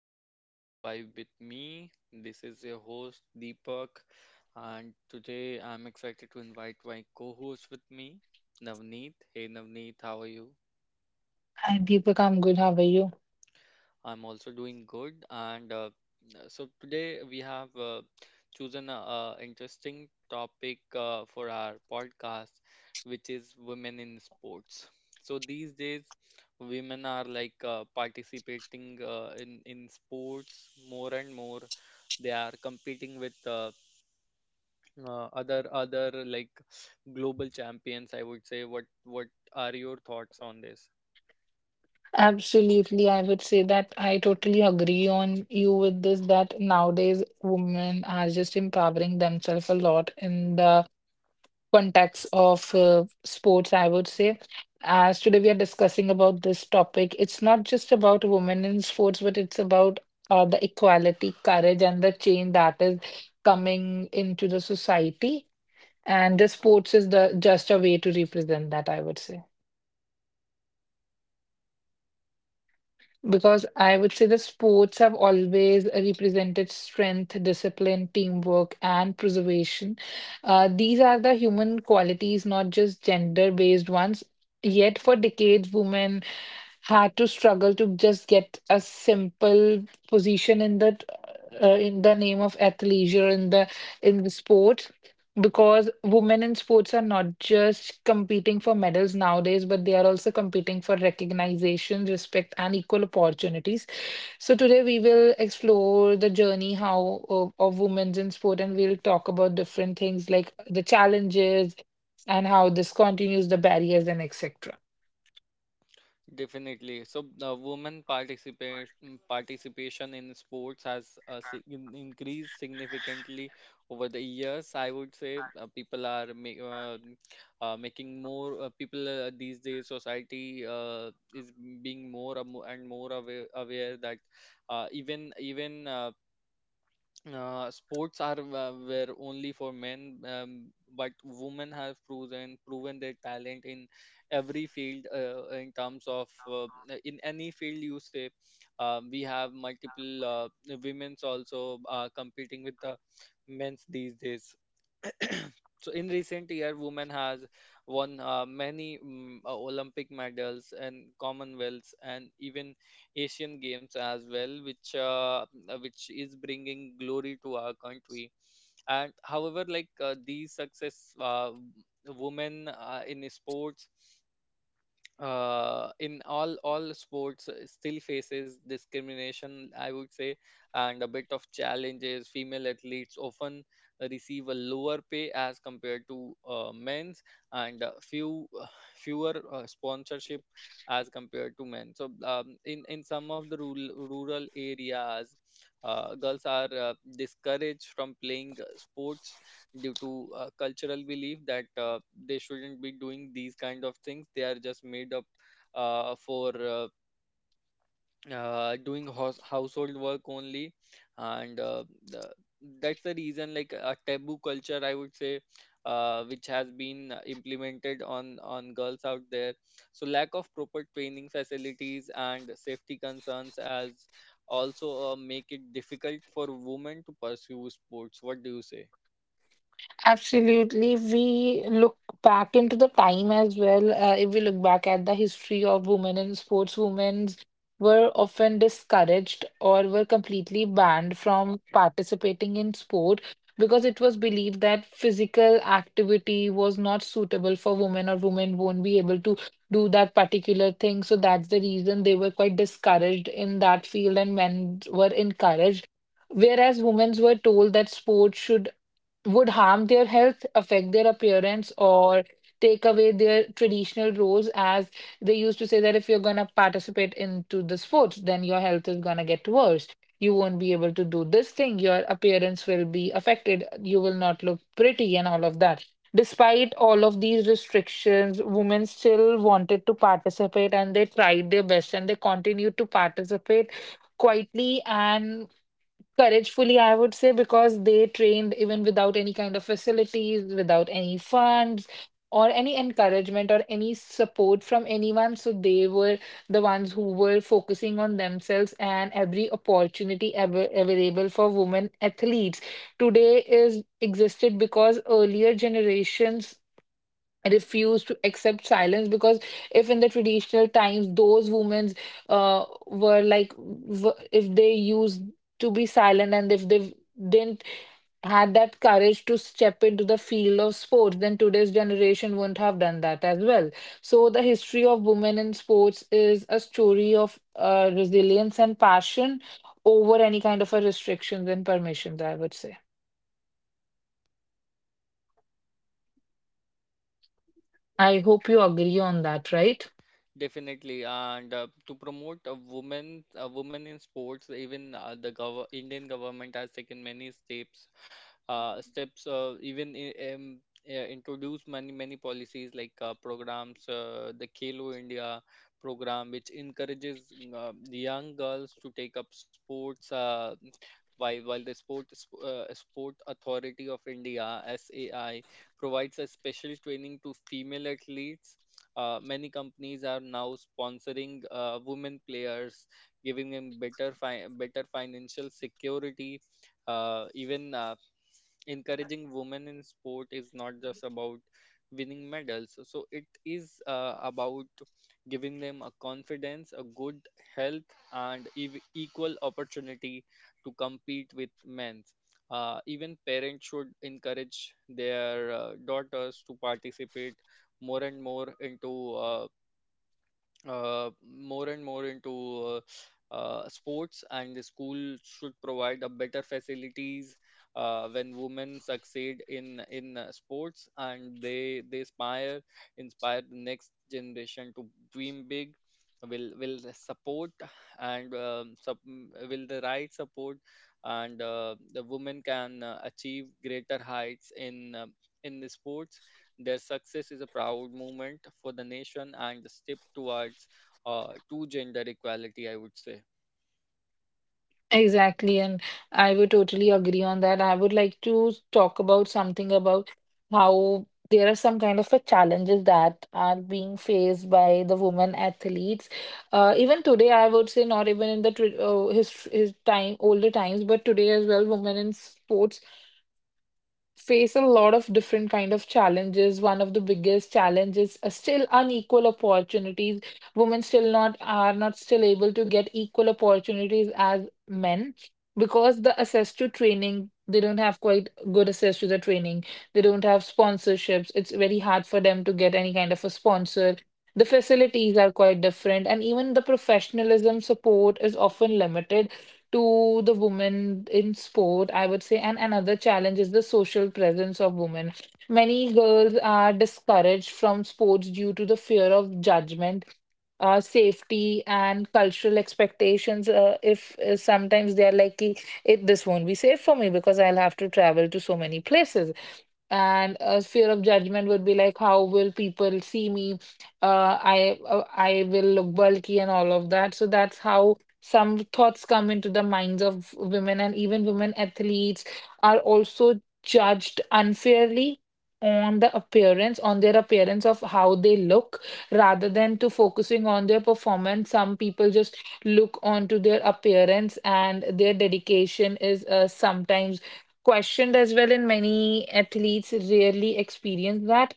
our channel Vibe with me. This is your host Deepak and today I'm excited to invite my co-host with me, Navneet. Hey Navneet, how are you? And Deepika, I'm good. How are you? I'm also doing good. And so today we have chosen a interesting topic for our podcast, which is women in sports. So these days, women are like participating in sports more and more. They are competing with other like global champions, I would say. What are your thoughts on this? Absolutely, I would say that I totally agree on you with this that nowadays women are just empowering themselves a lot in the context of sports, I would say. As today we are discussing about this topic, it's not just about women in sports, but it's about the equality, courage, and the change that is coming into the society. And the sports is the just a way to represent that, I would say. Because I would say the sports have always represented strength, discipline, teamwork, and preservation. These are the human qualities, not just gender-based ones. Yet, for decades, women had to struggle to just get a simple position in the name of athleisure in the sport because women in sports are not just competing for medals nowadays, but they are also competing for recognition, respect, and equal opportunities. So today we will explore the journey how of women's in sport, and we'll talk about different things like the challenges and how this continues the barriers and etc. Definitely. So the participation in sports has increased significantly over the years. I would say people are making more people these days. Society is being more and more and more aware that even even sports are were only for men, but women have proven their talent in every field in terms of in any field you say. Um, we have multiple women's also competing with the men's these days. So in recent year women has won many Olympic medals and Commonwealths and even Asian Games as well, which is bringing glory to our country. And however, like these success, women in sports, in all sports, still faces discrimination, I would say, and a bit of challenges. Female athletes often receive a lower pay as compared to men's, and fewer sponsorship as compared to men. So in some of the rural areas girls are discouraged from playing sports due to cultural belief that they shouldn't be doing these kind of things. They are just made up for household work only. And that's the reason, like a taboo culture, I would say, which has been implemented on girls out there. So lack of proper training facilities and safety concerns as also make it difficult for women to pursue sports. What do you say? Absolutely. We look back into the time as well. If we look back at the history of women in sports, women were often discouraged or were completely banned from participating in sport because it was believed that physical activity was not suitable for women or women won't be able to do that particular thing. So that's the reason they were quite discouraged in that field and men were encouraged. Whereas women were told that sports should would harm their health, affect their appearance, or take away their traditional roles as they used to say that if you're going to participate into the sports, then your health is going to get worse. You won't be able to do this thing. Your appearance will be affected. You will not look pretty and all of that. Despite all of these restrictions, women still wanted to participate and they tried their best and they continued to participate quietly and Couragefully, I would say, because they trained even without any kind of facilities, without any funds, or any encouragement or any support from anyone. So they were the ones who were focusing on themselves and every opportunity ever available for women athletes. Today is existed because earlier generations refuse to accept silence because if in the traditional times those women if they used to be silent and if they didn't had that courage to step into the field of sports then today's generation wouldn't have done that as well. So the history of women in sports is a story of resilience and passion over any kind of a restrictions and permissions, I would say. I hope you agree on that, right? Definitely, and to promote a woman in sports, even the gov Indian government has taken many steps, introduced many policies like programs, the Khelo India program, which encourages the young girls to take up sports. While the Sport Authority of India, SAI, provides a special training to female athletes. Many companies are now sponsoring women players, giving them better financial security. Even Encouraging women in sport is not just about winning medals. So it is about giving them a confidence, a good health, and equal opportunity to compete with men. Even parents should encourage their daughters to participate more and more into uh, more and more into sports, and the school should provide a better facilities. When women succeed in sports and they inspire the next generation to dream big. will will the support and um, sup- will the right support, and the women can achieve greater heights in the sports. Their success is a proud moment for the nation and the step towards to gender equality, I would say. Exactly, and I would totally agree on that. I would like to talk about something about how there are some kind of a challenges that are being faced by the women athletes. Even today, I would say not even in the tr- his time older times, but today as well, women in sports face a lot of different kind of challenges. One of the biggest challenges is still unequal opportunities. Women still not are not still able to get equal opportunities as men because the access to training, they don't have quite good access to the training. They don't have sponsorships. It's very hard for them to get any kind of a sponsor. The facilities are quite different, and even the professionalism support is often limited to the women in sport, I would say. And another challenge is the social presence of women. Many girls are discouraged from sports due to the fear of judgment, safety, and cultural expectations. If sometimes they are like, "Ki, it this won't be safe for me because I'll have to travel to so many places. And a fear of judgment would be like, how will people see me? Uh, I I will look bulky and all of that. So that's how some thoughts come into the minds of women, and even women athletes are also judged unfairly on the appearance, on their appearance of how they look, rather than to focusing on their performance. Some people just look onto their appearance, and their dedication is sometimes questioned as well. And many athletes rarely experience that.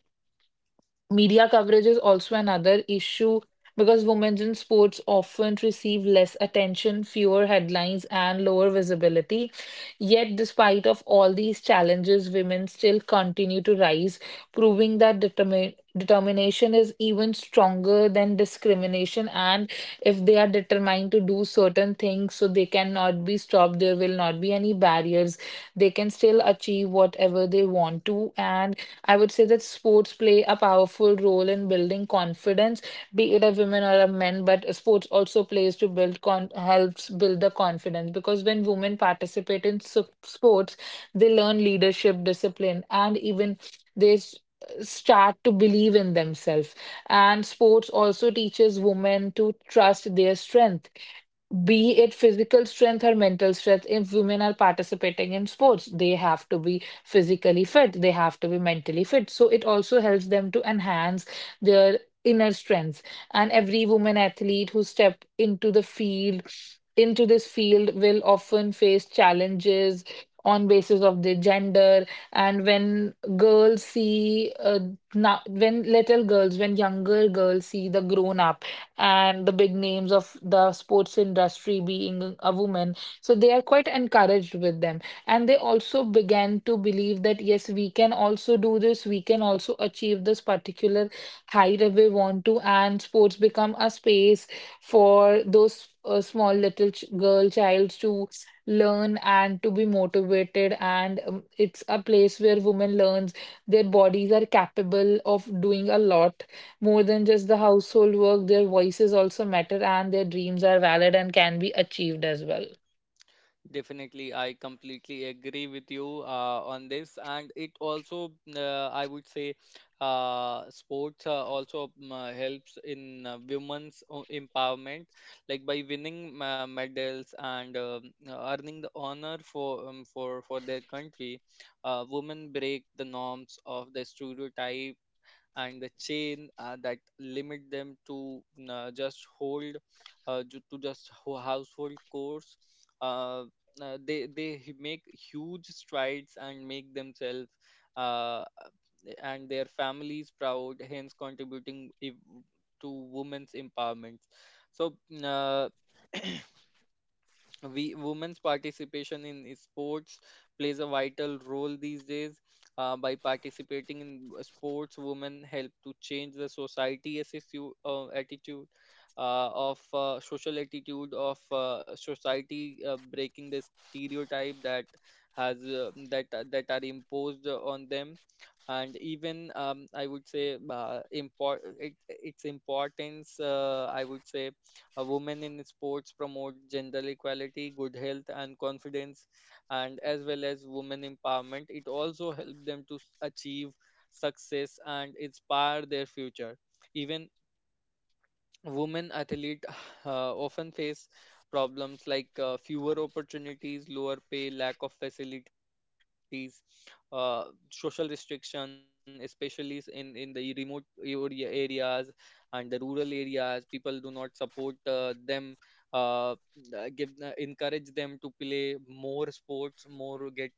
Media coverage is also another issue because women in sports often receive less attention, fewer headlines, and lower visibility. Yet, despite of all these challenges, women still continue to rise, proving that determination is even stronger than discrimination. And if they are determined to do certain things, so they cannot be stopped, there will not be any barriers themselves. They can still achieve whatever they want to. And I would say that sports play a powerful role in building confidence, be it a woman or a man, but sports also plays to build con helps build the confidence because when women participate in sports, they learn leadership, discipline, and even they s- start to believe in themselves. And sports also teaches women to trust their strength, be it physical strength or mental strength. If women are participating in sports, they have to be physically fit, they have to be mentally fit. So it also helps them to enhance their inner strengths. And every woman athlete who step into the field, into this field, will often face challenges on basis of their gender. And when girls see now when little girls when younger girls see the grown up and the big names of the sports industry being a woman. So they are quite encouraged with them. And they also began to believe that, yes, we can also do this, we can also achieve this particular height if we want to, and sports become a space for those small little girl childs to learn and to be motivated, and it's a place where women learns their bodies are capable of doing a lot more than just the household work, their voices also matter and their dreams are valid and can be achieved as well. Definitely, I completely agree with you on this, and it also, I would say, sports also helps in empowerment, like by winning medals and earning the honor for for their country. Women break the norms of the stereotype and the chain that limit them to uh, just hold just household chores. Uh, uh, they they hu- make huge strides and make themselves uh, and their families proud, hence contributing to women's empowerment. So uh, we women's participation in sports plays a vital role these days. By participating in sports, women help to change the society attitude, attitude of social attitude of society, breaking the stereotype that are imposed on them. And even, I would say, its importance, I would say, a woman in sports promote gender equality, good health, and confidence, and as well as women empowerment. It also help them to achieve success and inspire their future. Even women athlete often face problems like fewer opportunities, lower pay, lack of facilities, uh, social restriction, especially in the remote areas, and the rural areas people do not support them, uh, give encourage them to play more sports, more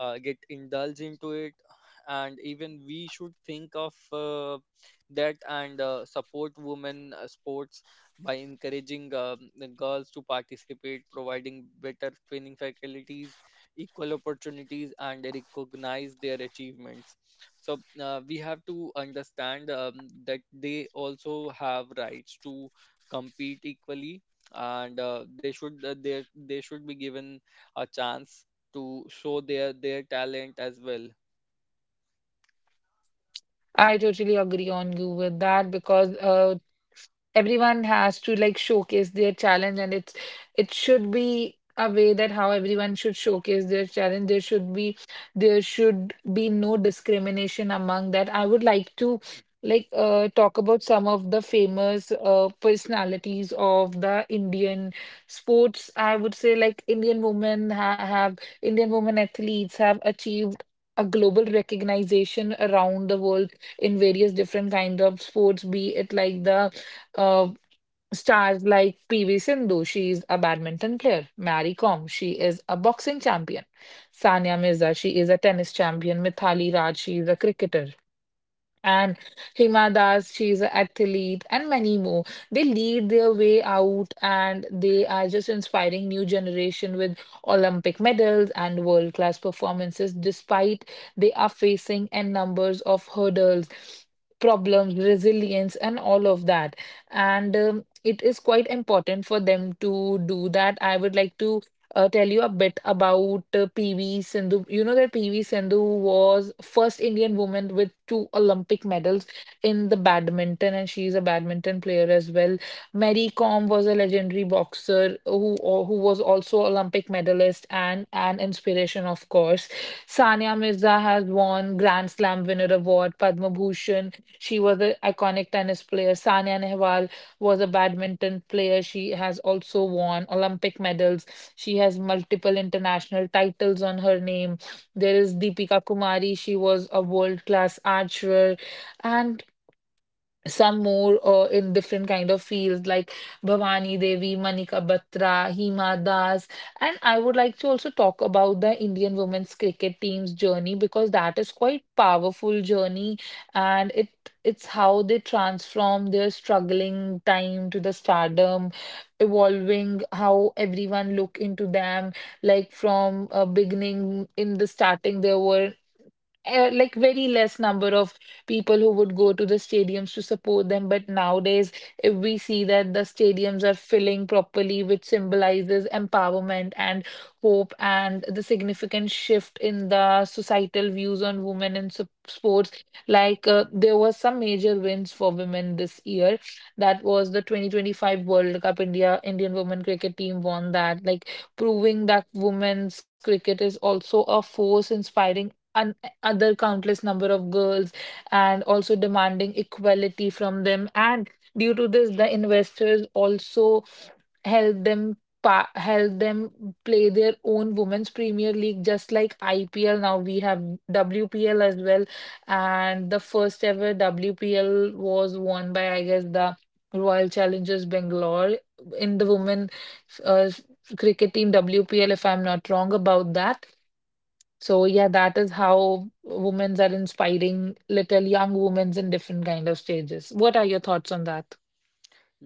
get indulged into it. And even we should think of that and support women sports by encouraging the girls to participate, providing better training facilities, equal opportunities, and recognize their achievements. So we have to understand that they also have rights to compete equally, and they should be given a chance to show their talent as well. I totally agree on you with that because everyone has to like showcase their challenge and it's it should be a way that how everyone should showcase their challenge. There should be there should be no discrimination among that. I would like to like talk about some of the famous personalities of the Indian sports, I would say. Like Indian women have Indian women athletes have achieved a global recognition around the world in various different kind of sports, be it like the uh, stars like PV Sindhu, she is a badminton player. Mary Kom, she is a boxing champion. Sania Mirza, she is a tennis champion. Mithali Raj, she is a cricketer, and Hima Das, she's an athlete, and many more. They lead their way out and they are just inspiring new generation with Olympic medals and world-class performances, despite they are facing n numbers of hurdles, problems, resilience, and all of that. And it is quite important for them to do that. I would like to tell you a bit about PV Sindhu. You know that PV Sindhu was first Indian woman with two Olympic medals in the badminton, and she's a badminton player as well. Mary Kom was a legendary boxer who was also Olympic medalist and an inspiration, of course. Sania Mirza has won Grand Slam winner award, Padma Bhushan. She was an iconic tennis player. Sania Nehwal was a badminton player. She has also won Olympic medals. She has multiple international titles on her name. There is Deepika Kumari. She was a world class archer. And some more in different kind of fields like Bhavani Devi, Manika Batra, Hima Das, and I would like to also talk about the Indian women's cricket team's journey because that is quite powerful journey and it it's how they transform their struggling time to the stardom, evolving how everyone look into them like from beginning in the starting there were like very less number of people who would go to the stadiums to support them. But nowadays, if we see that the stadiums are filling properly, which symbolizes empowerment and hope and the significant shift in the societal views on women in sports, like there was some major wins for women this year. That was the 2025 World Cup. Indian women cricket team won that, like proving that women's cricket is also a force inspiring other countless number of girls and also demanding equality from them. And due to this the investors also help them help them play their own women's premier league just like IPL. Now we have WPL as well, and the first ever WPL was won by, I guess, the Royal Challengers Bangalore in the women uh, cricket team WPL, if I'm not wrong about that. So yeah, that is how women are inspiring little young women in different kind of stages. What are your thoughts on that?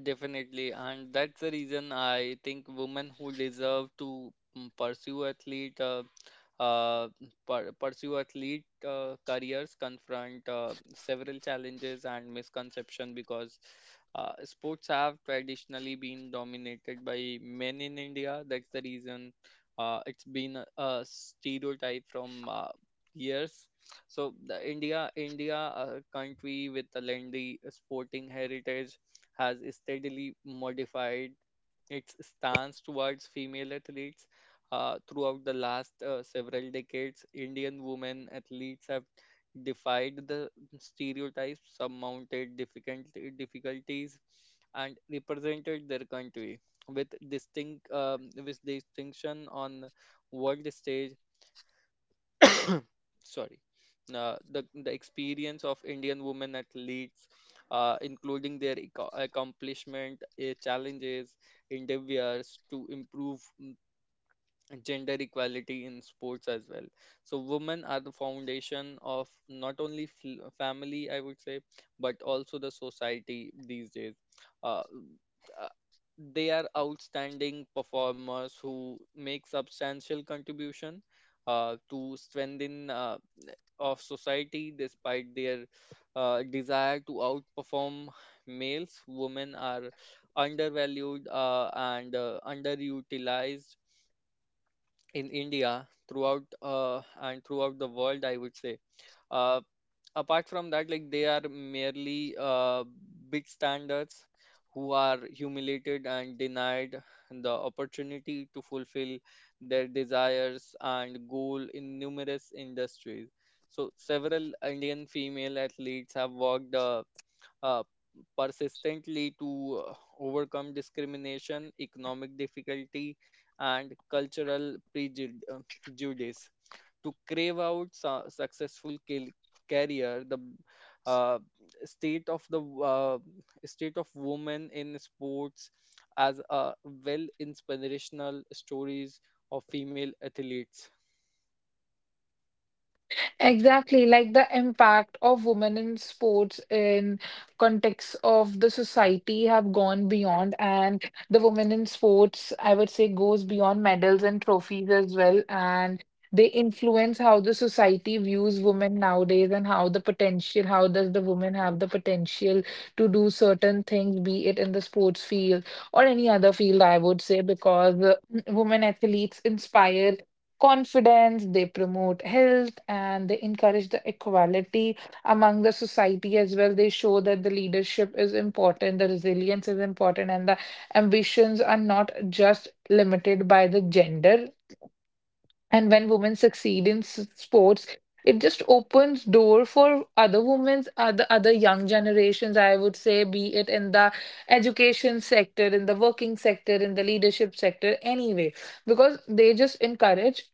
Definitely, and that's the reason I think women who deserve to uh, pursue athlete careers confront several challenges and misconception, because sports have traditionally been dominated by men in India. That's the reason it's been a stereotype from years. So the India, a country with a lengthy sporting heritage, has steadily modified its stance towards female athletes. Throughout the last several decades, Indian women athletes have defied the stereotypes, surmounted difficulties, and represented their country with distinction on world stage. Sorry. The experience of Indian women athletes, including their accomplishment, challenges, endeavors to improve gender equality in sports as well. So women are the foundation of not only family, I would say, but also the society these days. uh, uh, they are outstanding performers who make substantial contribution to strengthen of society, despite their desire to outperform males. Women are undervalued and underutilized in India, throughout the world, I would say. Uh, Apart from that, like, they are merely big standards who are humiliated and denied the opportunity to fulfill their desires and goal in numerous industries. So several Indian female athletes have worked uh, persistently to uh, overcome discrimination, economic difficulty, and cultural prejudice, to crave out successful career. The uh, state of the uh, state of women in sports, as well, inspirational stories of female athletes. Exactly, like the impact of women in sports in context of the society have gone beyond, and the women in sports, I would say, goes beyond medals and trophies as well, and they influence how the society views women nowadays and how the potential, how does the woman have the potential to do certain things, be it in the sports field or any other field, I would say. Because women athletes inspire confidence, they promote health, and they encourage the equality among the society as well. They show that the leadership is important, the resilience is important, and the ambitions are not just limited by the gender. And when women succeed in sports, it just opens door for other women's other young generations, I would say, be it in the education sector, in the working sector, in the leadership sector anyway, because they just encourage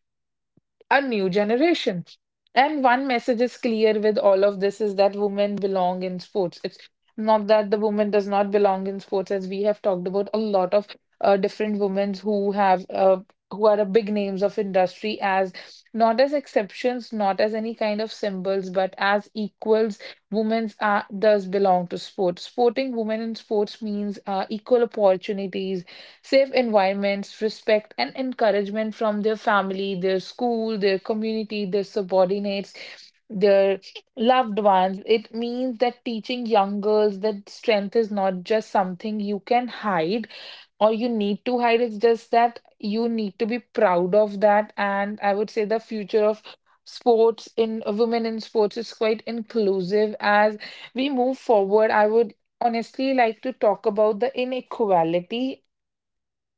a new generation. And one message is clear with all of this is that women belong in sports. It's not that the woman does not belong in sports, as we have talked about a lot of different women who have who are a big names of industry, as not as exceptions, not as any kind of symbols, but as equals. Women are does belong to sports. Sporting women in sports means equal opportunities, safe environments, respect, and encouragement from their family, their school, their community, their subordinates, their loved ones. It means that teaching young girls that strength is not just something you can hide or you need to hide. It's just that you need to be proud of that. And I would say the future of sports in women in sports is quite inclusive as we move forward. I would honestly like to talk about the inequality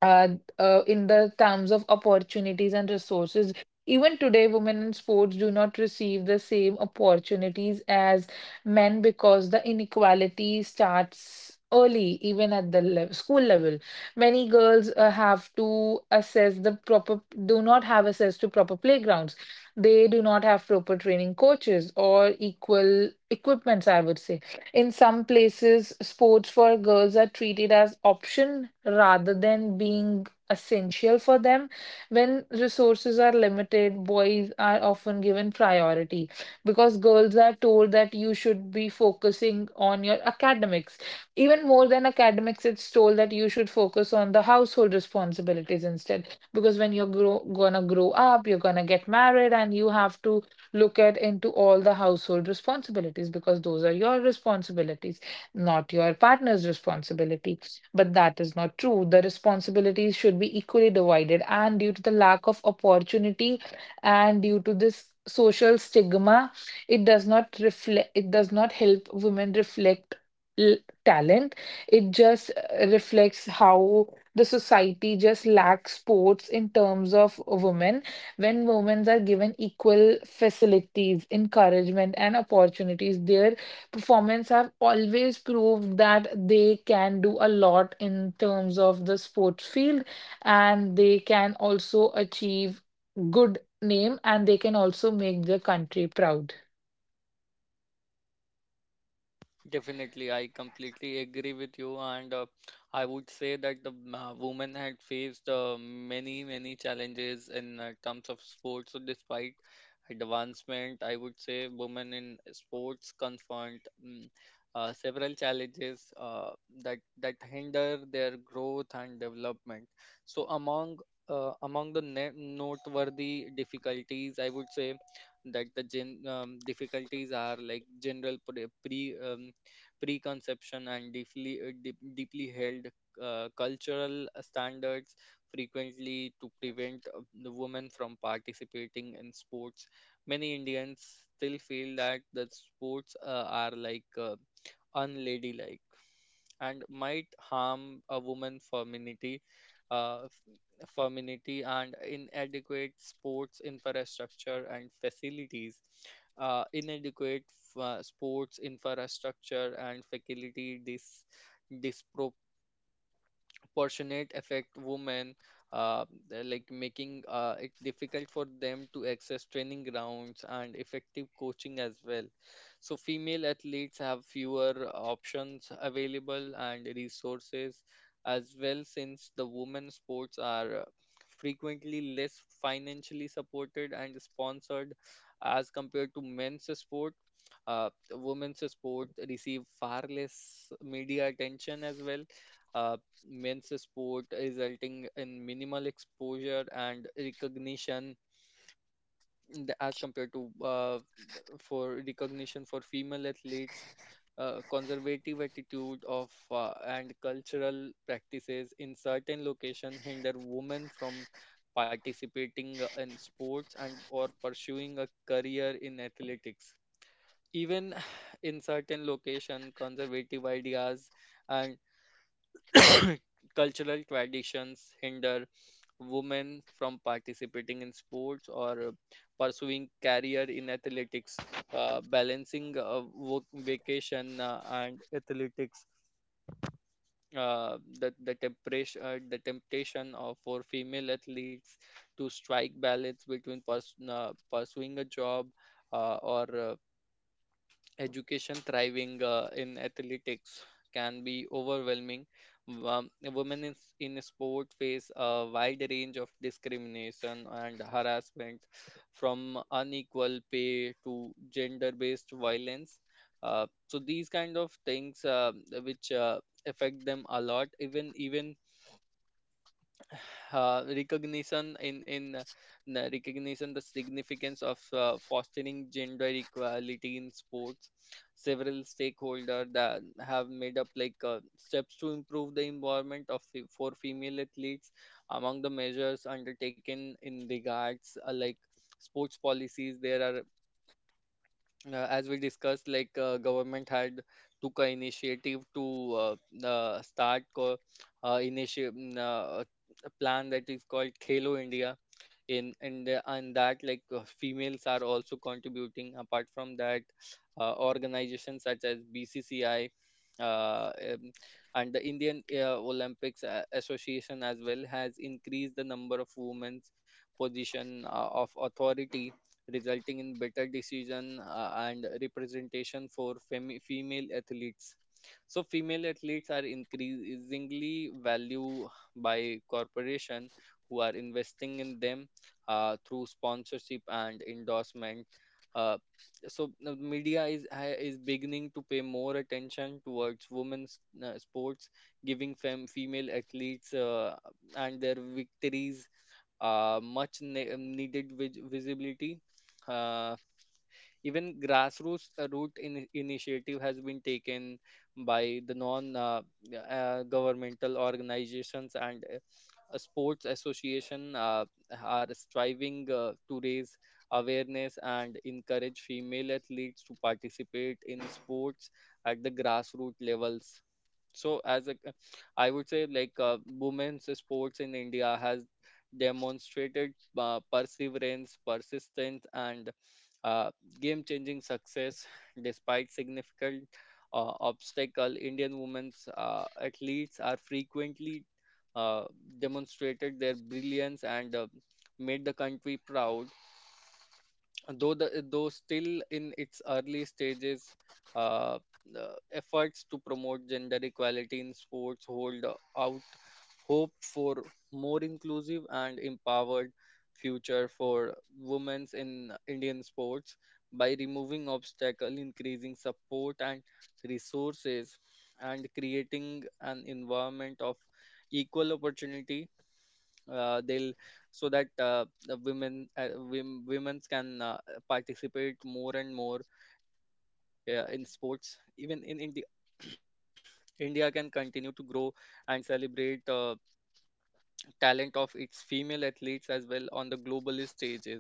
uh, in the terms of opportunities and resources. Even today, women in sports do not receive the same opportunities as men, because the inequality starts early, even at the lev school level. Many girls have to assess the proper, do not have access to proper playgrounds. They do not have proper training coaches or equal equipments, I would say. In some places, sports for girls are treated as option rather than being essential for them. When resources are limited, boys are often given priority, because girls are told that you should be focusing on your academics. Even more than academics, it's told that you should focus on the household responsibilities instead. Because when you're grow gonna grow up, you're gonna get married, and you have to look at into all the household responsibilities because those are your responsibilities, not your partner's responsibility. But that is not true. The responsibilities should be equally divided. And due to the lack of opportunity and due to this social stigma, it does not reflect, it does not help women reflect l- talent. It just reflects how the society just lacks sports in terms of women. When women are given equal facilities, encouragement, and opportunities, their performance have always proved that they can do a lot in terms of the sports field, and they can also achieve good name and they can also make the country proud. Definitely, I completely agree with you, and I would say that women had faced many, many challenges in terms of sports. So, despite advancement, I would say women in sports confront several challenges that hinder their growth and development. So, among the noteworthy difficulties, I would say that the gen difficulties are like general preconception and deeply held cultural standards frequently to prevent the women from participating in sports. Many Indians still feel that the sports are like unladylike and might harm a woman's uh, femininity. And inadequate sports infrastructure and facilities. Uh, inadequate Sports infrastructure and facility proportionate affect women. They're like making it difficult for them to access training grounds and effective coaching as well. So female athletes have fewer options available and resources as well, since the women sports are frequently less financially supported and sponsored as compared to men's sport. Women's sport receive far less media attention as well. Uh, Men's sport resulting in minimal exposure and recognition, in as compared to for female athletes. Conservative attitude of and cultural practices in certain location hinder women from participating in sports and or pursuing a career in athletics. Even in certain location, conservative ideas and cultural traditions hinder women from participating in sports or pursuing career in athletics. Balancing work, vacation, and athletics, the temptation of for female athletes to strike balance between pursuing a job or education, thriving in athletics, can be overwhelming. Women in sport face a wide range of discrimination and harassment, from unequal pay to gender-based violence. So these kind of things which affect them a lot. Even uh, recognition in in uh, recognition, the significance of fostering gender equality in sports. Several stakeholders that have made up like steps to improve the environment of for female athletes. Among the measures undertaken in regards, like sports policies, there are, as we discussed, like government had took a initiative to uh, uh, start co- initiative, a plan that is called Khelo India. In and the, and that, like, females are also contributing. Apart from that, organizations such as BCCI. Uh, um, and the Indian Olympics Association as well has increased the number of women's position of authority, resulting in better decision and representation for female athletes. So female athletes are increasingly valued by corporation who are investing in them through sponsorship and endorsement. Uh, so the media is is beginning to pay more attention towards women's sports, giving female athletes and their victories much needed visibility. Uh, Even grassroots initiative has been taken by the non governmental organizations and a sports association are striving to raise awareness and encourage female athletes to participate in sports at the grassroots levels. So as a I would say, like, women's sports in India has demonstrated perseverance, persistence, and uh, game changing success. Despite significant obstacle, Indian women's athletes are frequently uh, demonstrated their brilliance and made the country proud. Though still in its early stages, uh, the efforts to promote gender equality in sports hold out hope for more inclusive and empowered future for women in Indian sports, by removing obstacle, increasing support and resources, and creating an environment of equal opportunity. They'll So that the women's can participate more and more in sports even in India. India can continue to grow and celebrate talent of its female athletes as well on the globalist stages.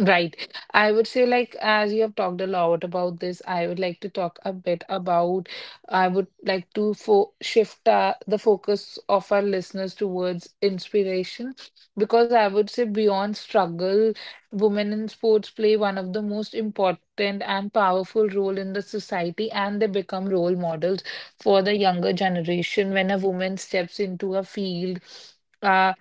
Right. I would say, like, as you have talked a lot about this, I would like to talk a bit about, I would like to fo shift the focus of our listeners towards inspiration. Because I would say, beyond struggle, women in sports play one of the most important and powerful role in the society, and they become role models for the younger generation when a woman steps into a field. uh,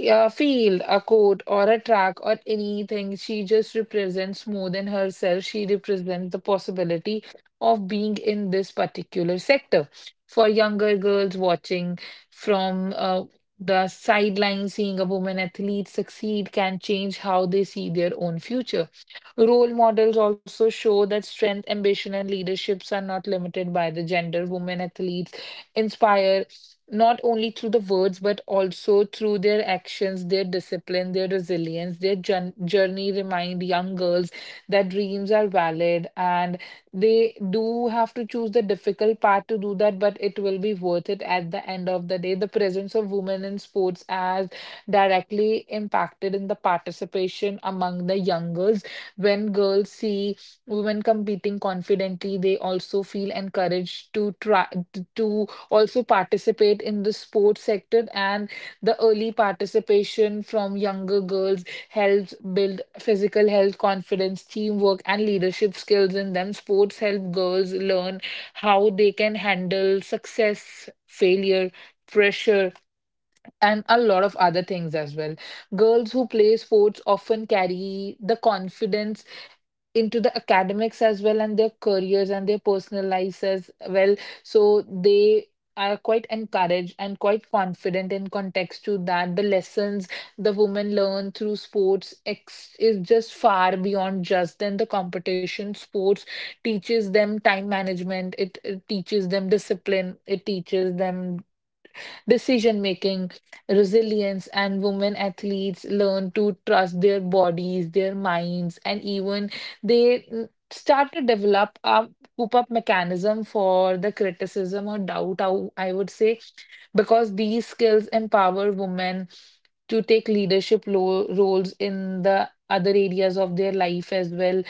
a field, a court, or a track, or anything. She just represents more than herself. She represents the possibility of being in this particular sector. For younger girls watching from the sideline, seeing a woman athlete succeed can change how they see their own future. Role models also show that strength, ambition, and leaderships are not limited by the gender. Women athletes inspire not only through the words, but also through their actions, their discipline, their resilience, their journey remind young girls that dreams are valid and they do have to choose the difficult path to do that, but it will be worth it at the end of the day. The presence of women in sports has directly impacted in the participation among the young girls. When girls see women competing confidently, they also feel encouraged to try to also participate in the sports sector, and the early participation from younger girls helps build physical health, confidence, teamwork, and leadership skills in them. Sports help girls learn how they can handle success, failure, pressure, and a lot of other things as well. Girls who play sports often carry the confidence into the academics as well, and their careers and their personal lives as well. So they are quite encouraged and quite confident in context to that. The lessons the women learn through sports is just far beyond just then the competition. Sports teaches them time management, it teaches them discipline, it teaches them decision making, resilience, and women athletes learn to trust their bodies, their minds, and even they start to develop a coop up mechanism for the criticism or doubt, I would say, because these skills empower women to take leadership roles in the other areas of their life as well.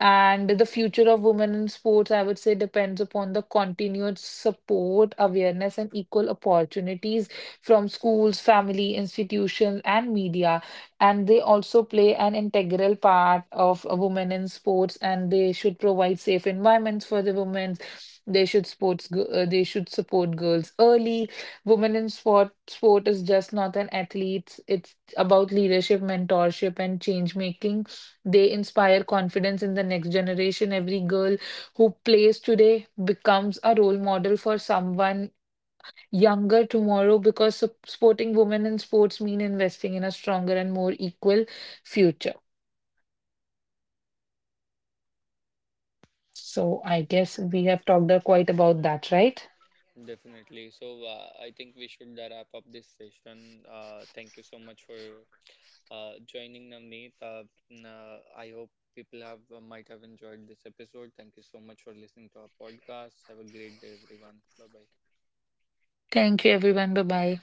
And the future of women in sports, I would say, depends upon the continued support, awareness, and equal opportunities from schools, family, institutions, and media. And they also play an integral part of women in sports, and they should provide safe environments for the women. They should sports. They should support girls early. Women in sport. Sport is just not an athlete. It's about leadership, mentorship, and change making. They inspire confidence in the next generation. Every girl who plays today becomes a role model for someone younger tomorrow, because supporting women in sports mean investing in a stronger and more equal future. So I guess we have talked quite about that, right? Definitely. So I think we should wrap up this session. Thank you so much for joining, Navneet. I hope people have might have enjoyed this episode. Thank you so much for listening to our podcast. Have a great day, everyone. Bye bye. Thank you, everyone. Bye bye.